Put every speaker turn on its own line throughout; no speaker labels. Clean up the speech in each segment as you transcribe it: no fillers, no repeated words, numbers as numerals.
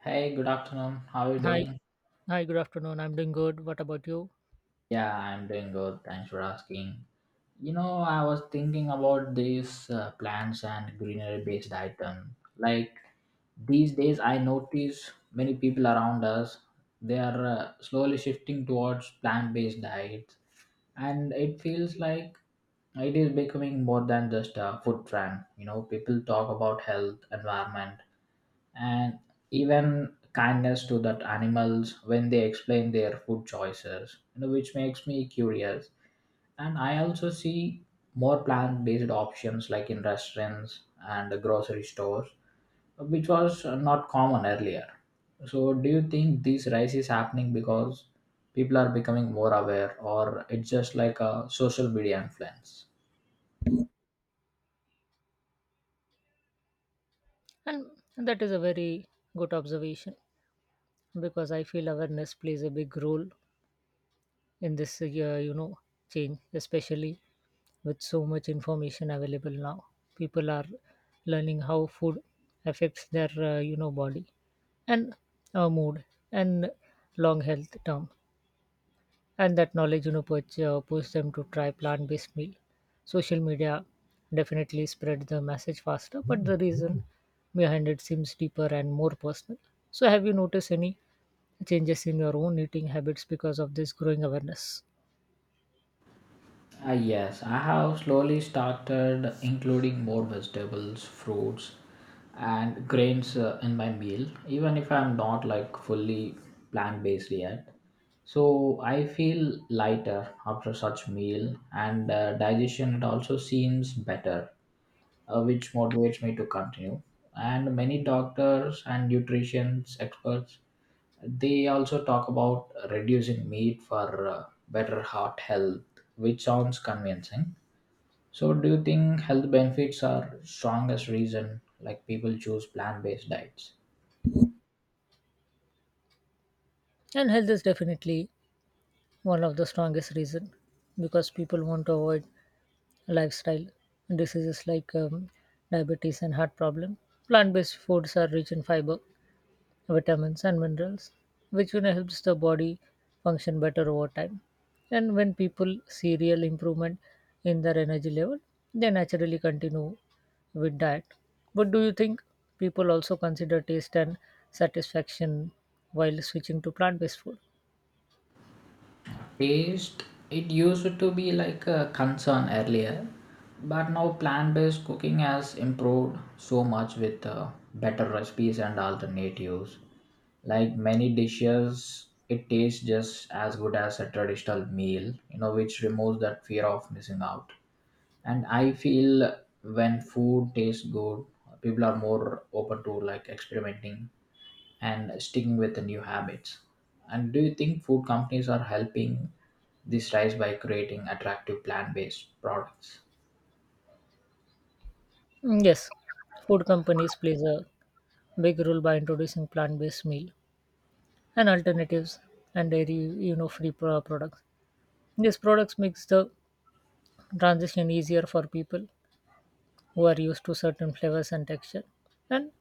Hey, good afternoon. How are you
Hi,
doing?
hi, good afternoon. I'm doing good. What about you?
Yeah, I'm doing good. Thanks for asking. You know, I was thinking about these plants and greenery based item. Like these days, I notice many people around us they are slowly shifting towards plant based diets, and it feels like it is becoming more than just a food trend. You know, people talk about health, environment, and even kindness to that animals when they explain their food choices, which makes me curious. And I also see more plant-based options like in restaurants and the grocery stores, which was not common earlier. So do you think this rise is happening because people are becoming more aware, or it's just like a social media influence?
And that is a very good observation because I feel awareness plays a big role in this, change, especially with so much information available now. People are learning how food affects their, body and mood and long health term and that knowledge push them to try plant-based meal. Social media definitely spread the message faster, but the reason behind it seems deeper and more personal. So have you noticed any changes in your own eating habits because of this growing awareness?
Ah, yes, I have slowly started including more vegetables, fruits, and grains in my meal, even if I'm not like fully plant based yet. So I feel lighter after such meal, and digestion it also seems better, which motivates me to continue. And many doctors and nutrition experts they also talk about reducing meat for better heart health, which sounds convincing. So, do you think health benefits are strongest reason like people choose plant-based diets?
And health is definitely one of the strongest reason because people want to avoid lifestyle diseases like diabetes and heart problem. Plant-based foods are rich in fiber vitamins and minerals, which helps the body function better over time. And when people see real improvement in their energy level, they naturally continue with diet. But do you think people also consider taste and satisfaction while switching to plant-based food?
Taste, it used to be like a concern earlier, but now plant based cooking has improved so much with better recipes and alternatives. Like many dishes, it tastes just as good as a traditional meal, you know, which removes that fear of missing out. And I feel when food tastes good, people are more open to like experimenting and sticking with the new habits. And do you think food companies are helping this rise by creating attractive plant-based products?
Mm, yes, food companies plays a big role by introducing plant-based meal and alternatives and dairy, free products. These products makes the transition easier for people who are used to certain flavors and texture. And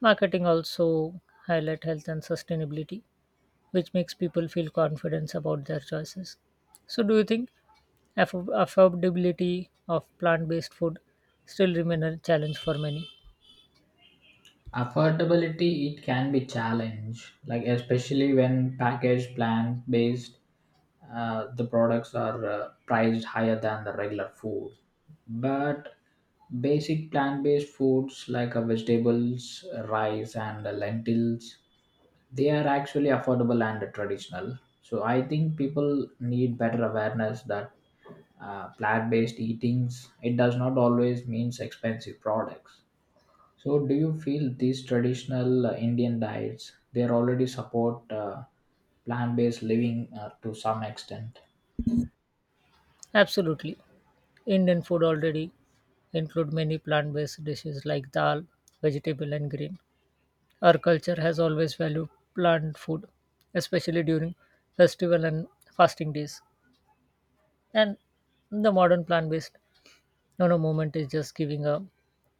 marketing also highlight health and sustainability, which makes people feel confidence about their choices. So, do you think affordability of plant-based food still remain a challenge for many?
Affordability it can be challenge, like especially when package plan based, the products are priced higher than the regular food. But basic plant based foods like vegetables, rice, and lentils, they are actually affordable and traditional. So I think people need better awareness that plant based eatings it does not always means expensive products. So, do you feel these traditional Indian diets they already support plant-based living to some extent?
Absolutely. Indian food already include many plant-based dishes like dal, vegetable and green. Our culture has always valued plant food, especially during festival and fasting days. And the modern plant-based movement is just giving a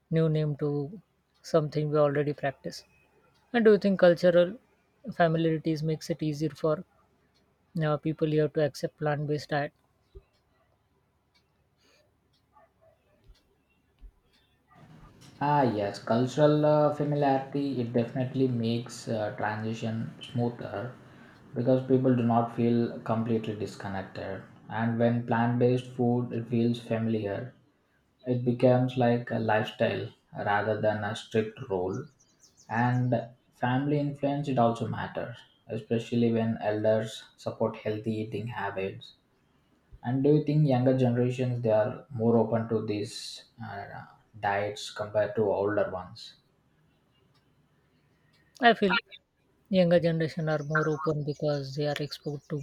new name to something we already practice. And do you think cultural familiarities makes it easier for people here to accept plant-based diet?
Ah, yes, cultural familiarity it definitely makes transition smoother because people do not feel completely disconnected. And when plant-based food it feels familiar, it becomes like a lifestyle rather than a strict rule. And family influence it also matters, especially when elders support healthy eating habits. And do you think younger generations they are more open to these diets compared to older ones?
I feel younger generation are more open because they are exposed to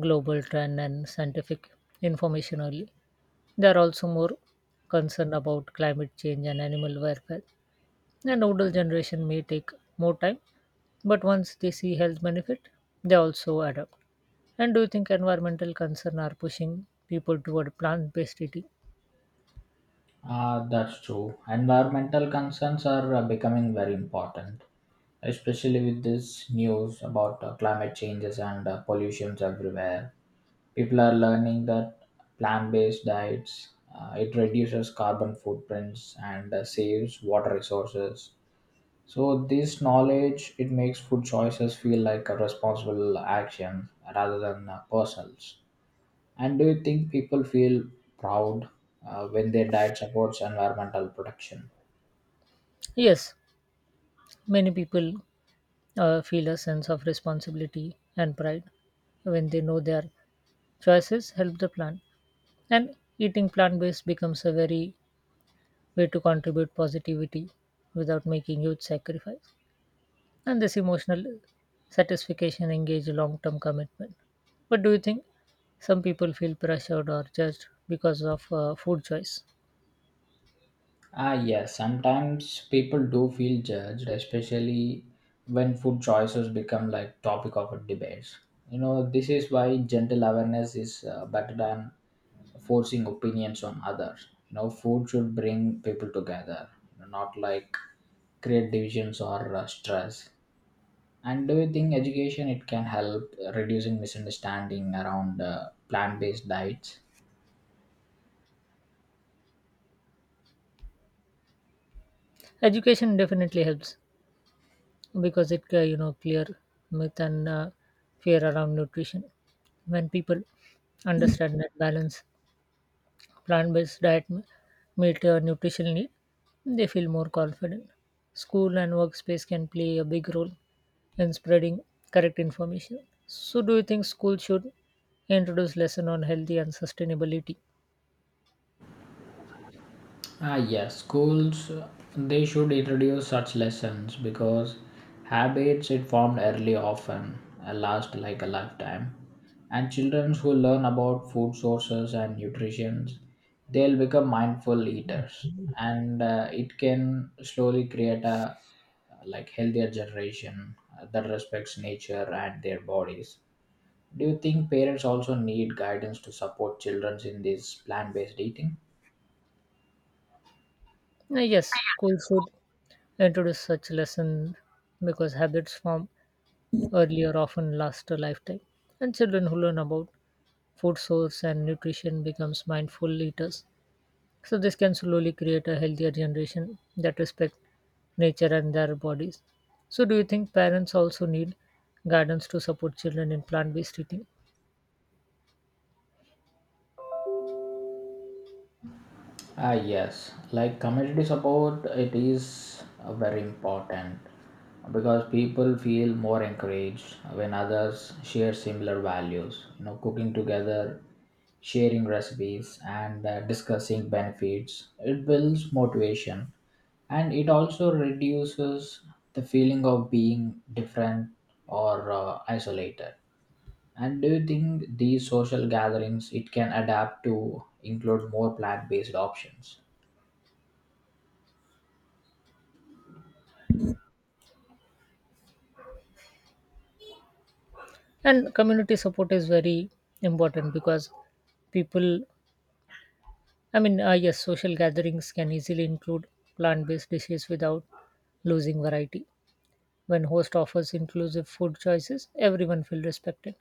global trend and scientific information early. They are also more concerned about climate change and animal welfare. And older generation may take more time, but once they see health benefit, they also adapt. And do you think environmental concern are pushing people toward plant-based eating?
Ah, that's true. Environmental concerns are becoming very important, especially with this news about climate changes and pollutions everywhere. People are learning that plant-based diets it reduces carbon footprints and saves water resources. So this knowledge it makes food choices feel like a responsible action rather than personals. And do you think people feel proud when their diet supports environmental protection?
Yes, many people feel a sense of responsibility and pride when they know their choices help the plant. And eating plant-based becomes a very way to contribute positivity without making huge sacrifice. And this emotional satisfaction engages long-term commitment. But do you think some people feel pressured or judged because of food choice?
Ah, yes, sometimes people do feel judged, especially when food choices become like topic of a debate. You know, this is why gentle awareness is better than forcing opinions on others. You know, food should bring people together, you know, not like create divisions or stress. And do you think education it can help reducing misunderstanding around plant-based diets?
Education definitely helps because it clear myth and fear around nutrition. When people understand that balance plant-based diet meet nutritional need, they feel more confident. School and workspace can play a big role in spreading correct information. So, do you think school should introduce lesson on healthy and sustainability?
Ah, yes, schools they should introduce such lessons because habits it formed early often last like a lifetime, and children who learn about food sources and nutrition, they'll become mindful eaters, and it can slowly create a like healthier generation that respects nature and their bodies. Do you think parents also need guidance to support children in this plant-based eating?
Yes, school should introduce such lesson because habits formed earlier often last a lifetime. And children who learn about food source and nutrition becomes mindful eaters. So this can slowly create a healthier generation that respect nature and their bodies. So do you think parents also need guidance to support children in plant-based eating?
Ah, yes, like community support, it is very important because people feel more encouraged when others share similar values. You know, cooking together, sharing recipes, and discussing benefits. It builds motivation, and it also reduces the feeling of being different or isolated. And do you think these social gatherings it can adapt to include more plant-based options?
And community support is very important because people, I mean, yes, social gatherings can easily include plant based dishes without losing variety. When host offers inclusive food choices, everyone feels respected.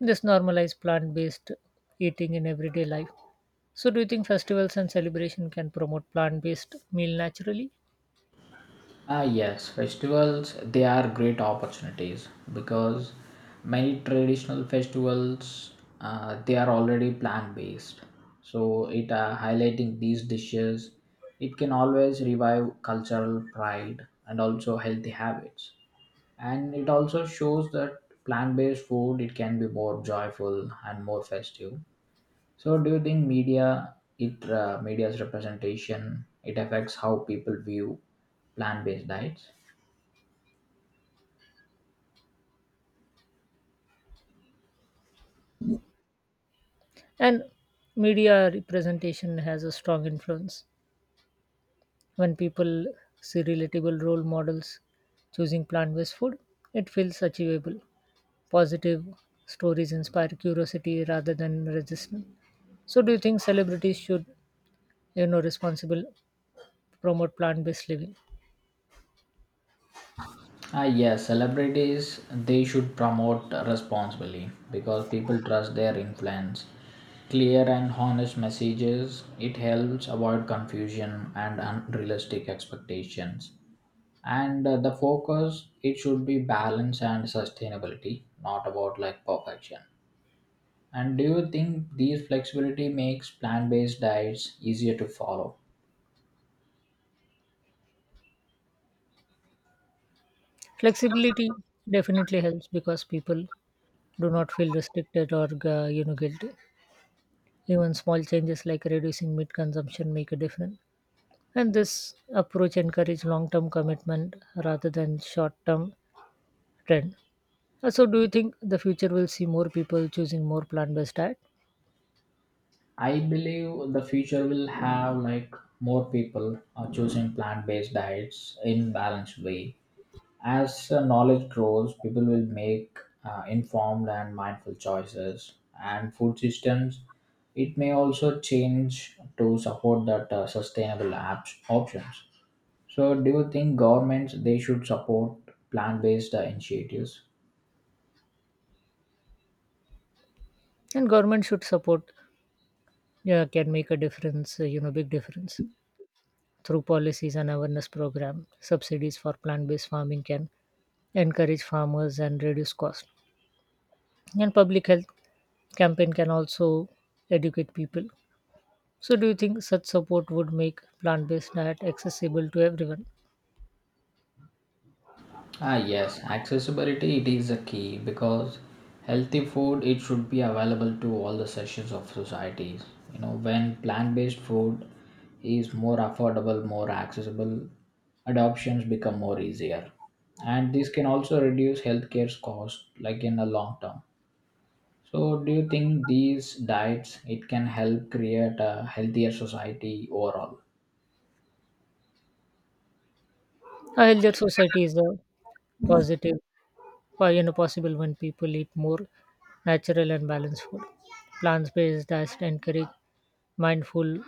This normalizes plant based eating in everyday life. So, do you think festivals and celebration can promote plant based meal naturally?
Ah, yes, festivals they are great opportunities because many traditional festivals they are already plant based. So it highlighting these dishes, it can always revive cultural pride and also healthy habits. And it also shows that plant based food it can be more joyful and more festive. So do you think media it media's representation it affects how people view plant based diets?
And media representation has a strong influence. When people see relatable role models choosing plant based food, it feels achievable. Positive stories inspire curiosity rather than resistance. So, do you think celebrities should, responsible promote plant-based living?
Ah, yes, celebrities they should promote responsibly because people trust their influence. Clear and honest messages it helps avoid confusion and unrealistic expectations. And the focus it should be balance and sustainability, not about like perfection. And do you think these flexibility makes plant-based diets easier to follow?
Flexibility definitely helps because people do not feel restricted or guilty. Even small changes like reducing meat consumption make a difference. And this approach encourages long-term commitment rather than short-term trend. So, do you think the future will see more people choosing more plant-based diet?
I believe the future will have like more people are choosing plant-based diets in balanced way. As knowledge grows, people will make informed and mindful choices. And food systems, it may also change to support that sustainable apps options. So, do you think governments they should support plant-based initiatives?
And government should support, yeah, can make a difference, big difference through policies and awareness program. Subsidies for plant-based farming can encourage farmers and reduce cost. And public health campaign can also educate people. So, do you think such support would make plant-based diet accessible to everyone?
Ah yes, accessibility it is a key because healthy food it should be available to all the sections of societies. You know, when plant-based food is more affordable, more accessible, adoptions become more easier. And this can also reduce healthcare's cost like in the long term. So do you think these diets it can help create a healthier society overall?
A healthier society is a positive, or possible when people eat more natural and balanced food. Plant-based diets encourage mindful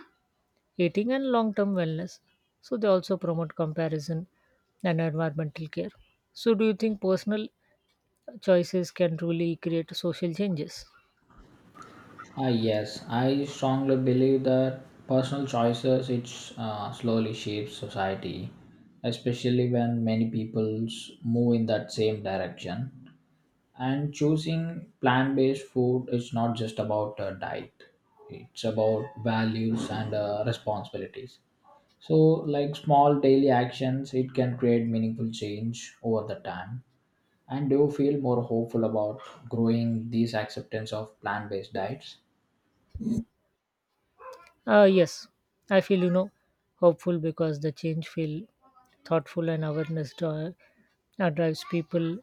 eating and long term wellness. So they also promote comparison and environmental care. So do you think personal choices can really create social changes?
Ah, yes, I strongly believe that personal choices it slowly shapes society, especially when many people move in that same direction. And choosing plant-based food is not just about a diet; it's about values and responsibilities. So, like small daily actions, it can create meaningful change over the time. And do you feel more hopeful about growing these acceptance of plant-based diets?
Yes, I feel hopeful because the change feel thoughtful and awareness drives people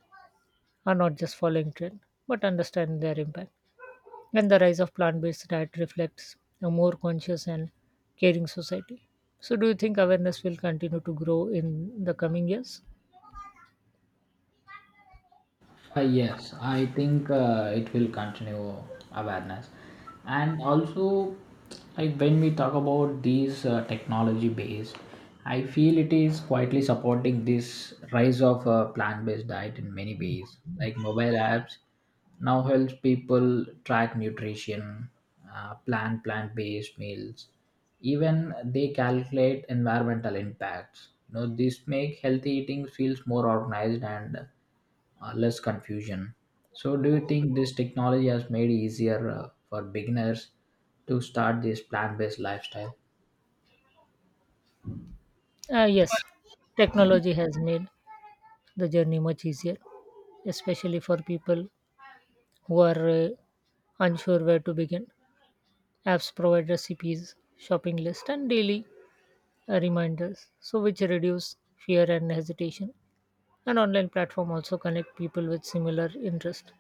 are not just following trend but understanding their impact. And the rise of plant-based diet reflects a more conscious and caring society. So do you think awareness will continue to grow in the coming years?
Yes, I think it will continue awareness, and also like when we talk about these technology based, I feel it is quietly supporting this rise of plant based diet in many ways. Like mobile apps now helps people track nutrition, plan plant based meals, even they calculate environmental impacts. You know, this make healthy eating feels more organized and less confusion. So, do you think this technology has made it easier for beginners to start this plant-based lifestyle?
Yes, technology has made the journey much easier, especially for people who are unsure where to begin. Apps provide recipes, shopping lists, and daily reminders, so which reduce fear and hesitation. An online platform also connect people with similar interest,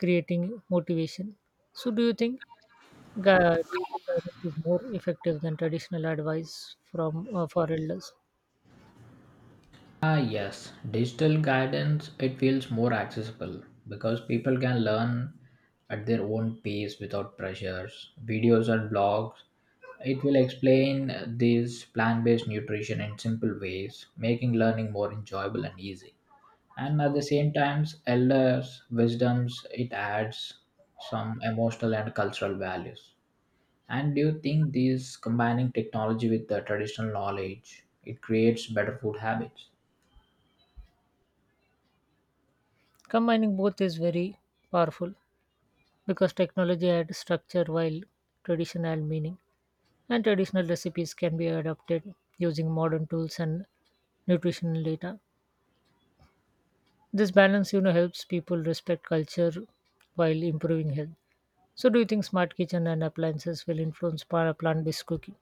creating motivation. So, do you think digital guidance is more effective than traditional advice from for elders?
Ah, yes, digital guidance it feels more accessible because people can learn at their own pace without pressures. Videos and blogs it will explain this plant-based nutrition in simple ways, making learning more enjoyable and easy. And at the same times elders wisdoms it adds some emotional and cultural values. And do you think these combining technology with the traditional knowledge it creates better food habits?
Combining both is very powerful, because technology adds structure while tradition adds meaning. And traditional recipes can be adapted using modern tools and nutritional data. This balance, helps people respect culture while improving health. So, do you think smart kitchen and appliances will influence plant based cooking?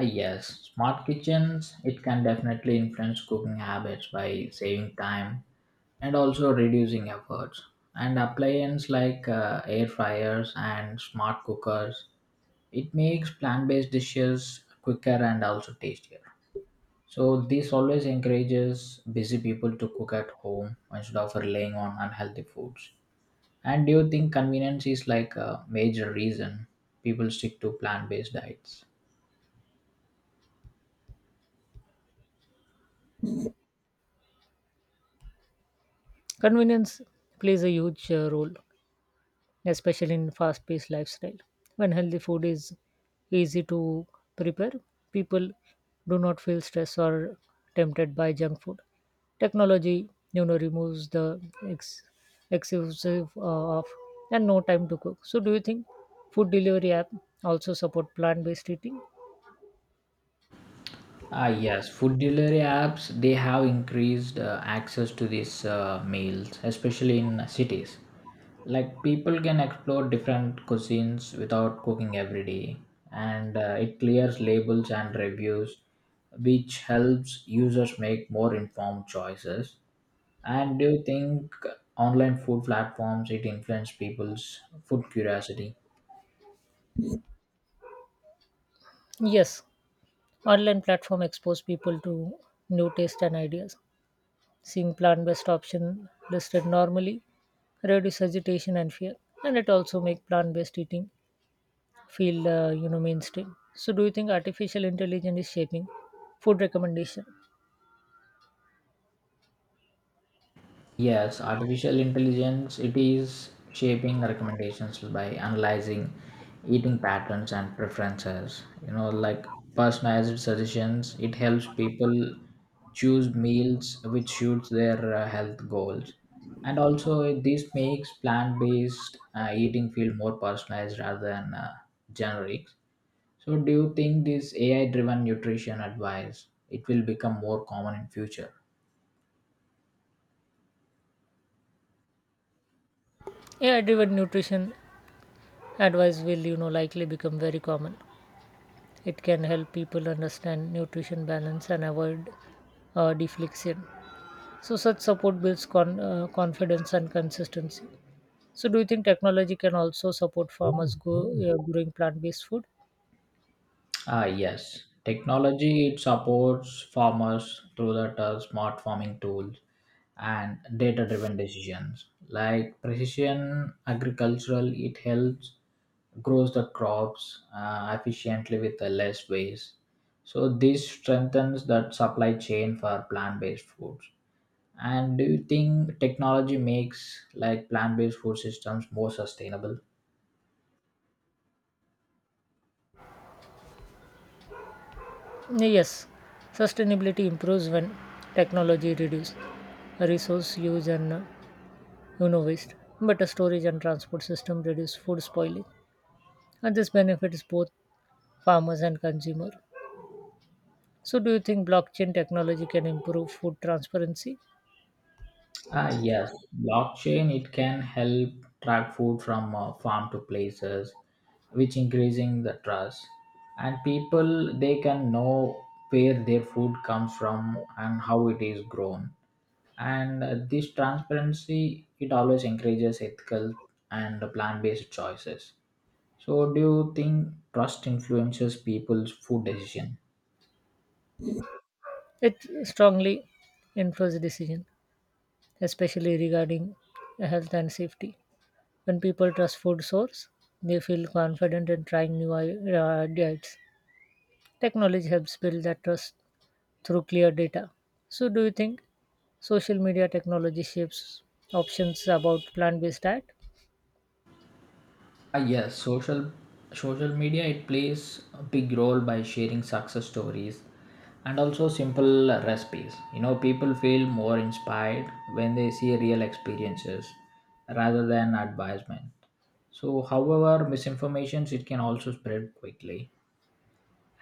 Yes, smart kitchens it can definitely influence cooking habits by saving time and also reducing efforts. And appliances like air fryers and smart cookers, it makes plant-based dishes quicker and also tastier. So this always encourages busy people to cook at home instead of relying on unhealthy foods. And do you think convenience is like a major reason people stick to plant-based diets?
Convenience plays a huge role, especially in fast paced lifestyle. When healthy food is easy to prepare, people do not feel stressed or tempted by junk food. Technology, removes the ex- excessive of and no time to cook. So, do you think food delivery app also support plant based eating?
Ah, yes, food delivery apps they have increased access to these meals, especially in cities. Like people can explore different cuisines without cooking every day, and it clears labels and reviews, which helps users make more informed choices. And do you think online food platforms it influence people's food curiosity?
Yes, online platform expose people to new taste and ideas. Seeing plant based option listed normally reduce hesitation and fear, and it also make plant based eating feel mainstream. So, do you think artificial intelligence is shaping food recommendation?
Yes, artificial intelligence it is shaping the recommendations by analyzing eating patterns and preferences. You know, like personalized suggestions, it helps people choose meals which suits their health goals. And also this makes plant-based eating feel more personalized rather than generic. So do you think this AI driven nutrition advice it will become more common in future?
AI driven nutrition advice will likely become very common. It can help people understand nutrition balance and avoid deflection. So, such support builds confidence and consistency. So, do you think technology can also support farmers growing plant based food?
Ah, yes. Technology it supports farmers through that smart farming tools and data-driven decisions. Like precision agricultural, it helps grows the crops efficiently with less waste. So this strengthens that supply chain for plant-based foods. And do you think technology makes like plant-based food systems more sustainable?
Yes, sustainability improves when technology reduces resource use and waste. Better storage and transport system reduce food spoiling, and this benefits both farmers and consumer. So, do you think blockchain technology can improve food transparency?
Ah, yes, blockchain it can help track food from farm to places, which increasing the trust. And people they can know where their food comes from and how it is grown. And this transparency it always encourages ethical and plant-based choices. So, do you think trust influences people's food decision?
It strongly influences decision, especially regarding health and safety. When people trust food source, they feel confident in trying new diets. Technology helps build that trust through clear data. So, do you think social media technology shapes options about plant based diet?
Ah yes, social media it plays a big role by sharing success stories and also simple recipes. You know, people feel more inspired when they see real experiences rather than advisement. So, however, misinformations it can also spread quickly.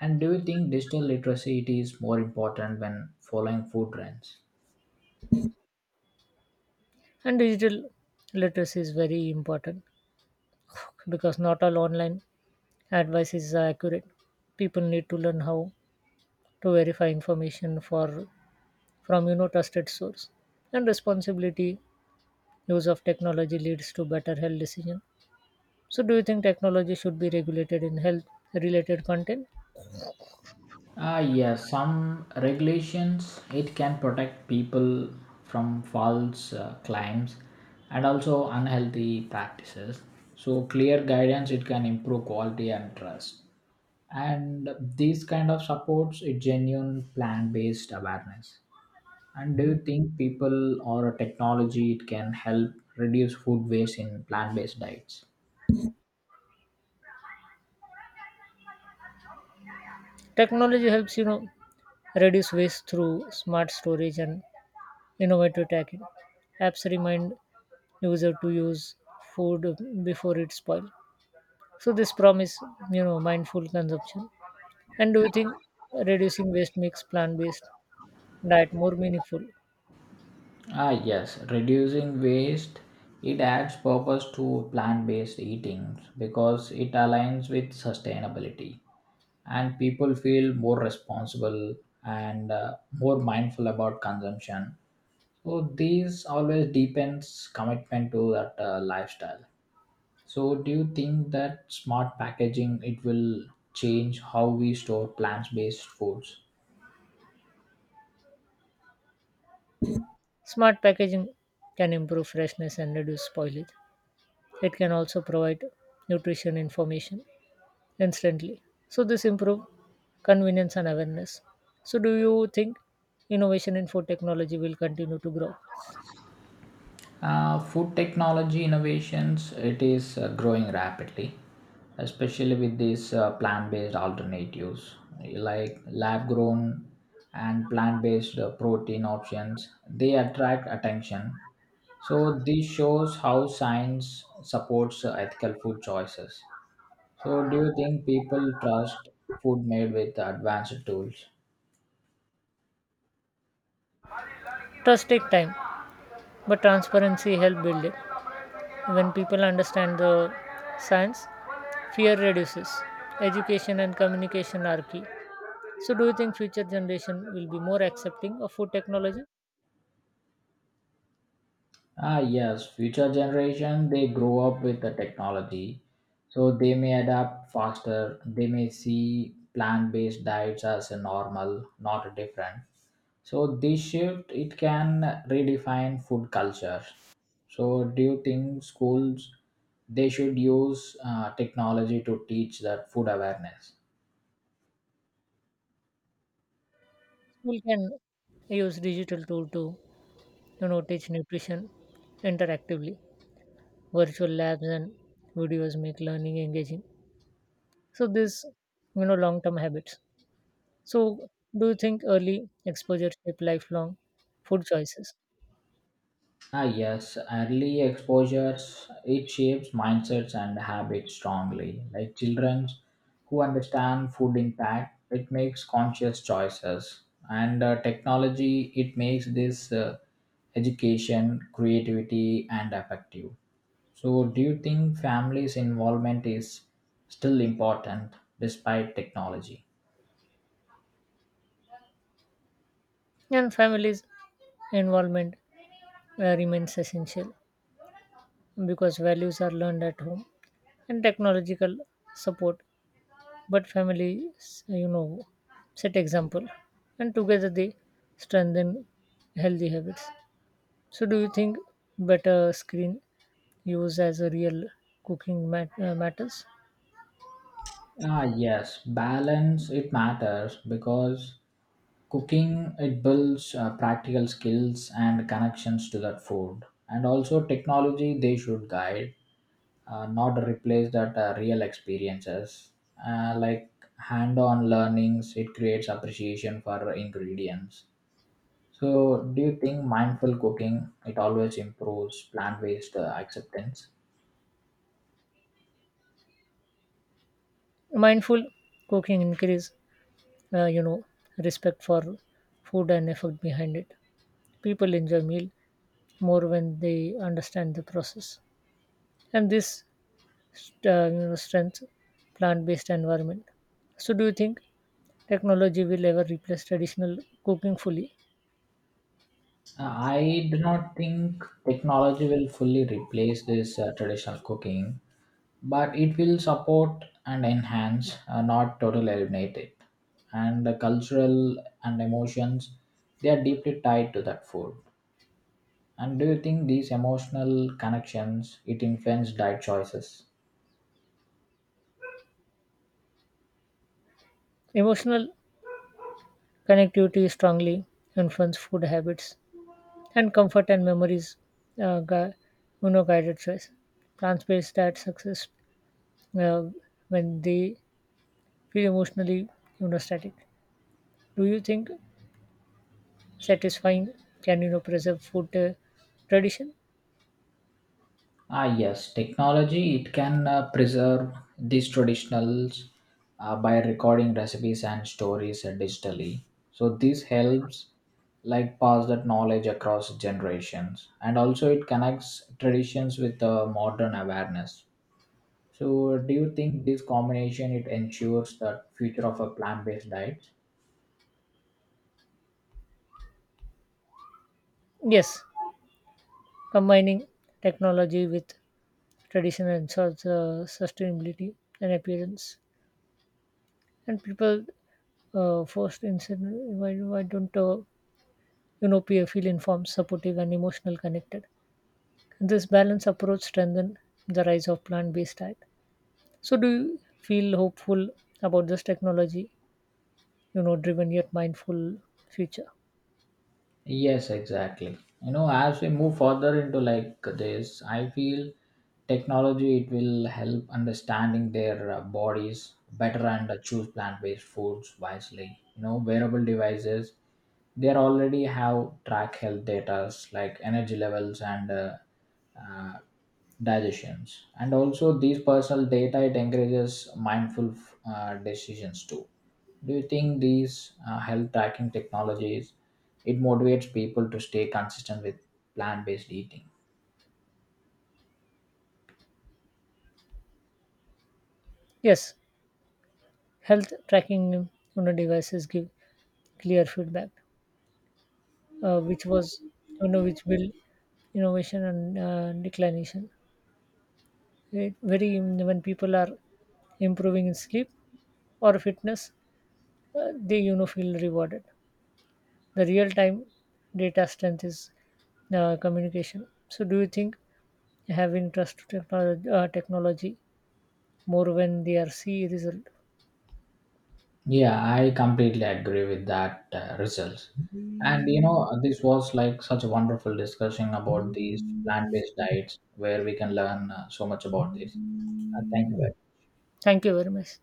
And do you think digital literacy it is more important when following food trends?
And digital literacy is very important because not all online advice is accurate. People need to learn how to verify information for from trusted source and responsibility use of technology leads to better health decision. So do you think technology should be regulated in health related content?
Ah, yes, some regulations it can protect people from false claims and also unhealthy practices. So clear guidance it can improve quality and trust. And these kind of supports a genuine plan-based awareness. And do you think people or a technology it can help reduce food waste in plant-based diets?
Technology helps reduce waste through smart storage and innovative tagging. Apps remind user to use food before it spoils. So this promise, mindful consumption. And do you think reducing waste makes plant-based diet more meaningful?
Ah, yes, reducing waste it adds purpose to plant-based eating because it aligns with sustainability, and people feel more responsible and more mindful about consumption. So these always deepens commitment to that lifestyle. So do you think that smart packaging it will change how we store plant-based foods?
Smart packaging can improve freshness and reduce spoilage. It can also provide nutrition information instantly. So this improve convenience and awareness. So do you think innovation in food technology will continue to grow?
Food technology innovations it is growing rapidly, especially with these plant-based alternatives like lab-grown and plant-based protein options. They attract attention. So this shows how science supports ethical food choices. So do you think people trust food made with advanced tools?
Trust does take time, but transparency helps build it when people understand the science, fear reduces education, and communication are key. So do you think future generation will be more accepting of food technology?
Ah, yes, future generation they grow up with the technology, so they may adapt faster. They may see plant-based diets as a normal, not different. So this shift it can redefine food culture. So do you think schools they should use technology to teach that food awareness?
School can use digital tool to teach nutrition interactively. Virtual labs and videos make learning engaging. So this long term habits. So do you think early exposure shape lifelong food choices?
Ah, yes, early exposures it shapes mindsets and habits strongly. Like children who understand food impact, it makes conscious choices, and technology it makes this education, creativity, and effective. So, do you think families' involvement is still important despite technology?
And families' involvement remains essential because values are learned at home and technological support. But families, set example, and together they strengthen healthy habits. So, do you think better screen use as a real cooking matters?
Ah, yes, balance it matters because cooking it builds practical skills and connections to that food, and also technology they should guide, not replace that real experiences. Like hand-on learnings, it creates appreciation for ingredients. So, do you think mindful cooking it always improves plant-based acceptance?
Mindful cooking increase, uh, you know, respect for food and effort behind it. People enjoy meal more when they understand the process. And this strength plant-based environment. So, do you think technology will ever replace traditional cooking fully?
Uh, I do not think technology will fully replace this traditional cooking, but it will support and enhance, not totally eliminate it. And the cultural and emotions they are deeply tied to that food. And do you think these emotional connections it influence diet choices?
Emotional connectivity strongly influence food habits and comfort and memories. Uh, gui- guided choice. Plants-based diet success uh, when they feel emotionally static. Do you think satisfying can preserve food tradition?
Ah, yes, technology it can preserve these traditionals by recording recipes and stories digitally. So this helps like pass that knowledge across generations, and also it connects traditions with modern awareness. So, do you think this combination it ensures the future of a plant-based diet?
Yes, combining technology with tradition ensures sustainability and appearance. And people first instant why don't peer feel informed, supportive, and emotional connected? This balanced approach strengthens the rise of plant-based diet. So, do you feel hopeful about this technology? Driven yet mindful future.
Yes, exactly. You know, as we move further into like this, I feel technology it will help understanding their bodies better and choose plant-based foods wisely. You know, wearable devices they already have track health data like energy levels and uh, digestions, and also these personal data it encourages mindful decisions too. Do you think these health tracking technologies it motivates people to stay consistent with plant-based eating?
Yes, health tracking devices give clear feedback which was you know which will innovation and declination. It very when people are improving in sleep or fitness, they feel rewarded. The real time data strength is communication. So do you think having trust to technology more when they are see result?
Yeah, I completely agree with that results. And you know, this was like such a wonderful discussion about these plant-based diets where we can learn so much about this. Thank you.
Thank you very much.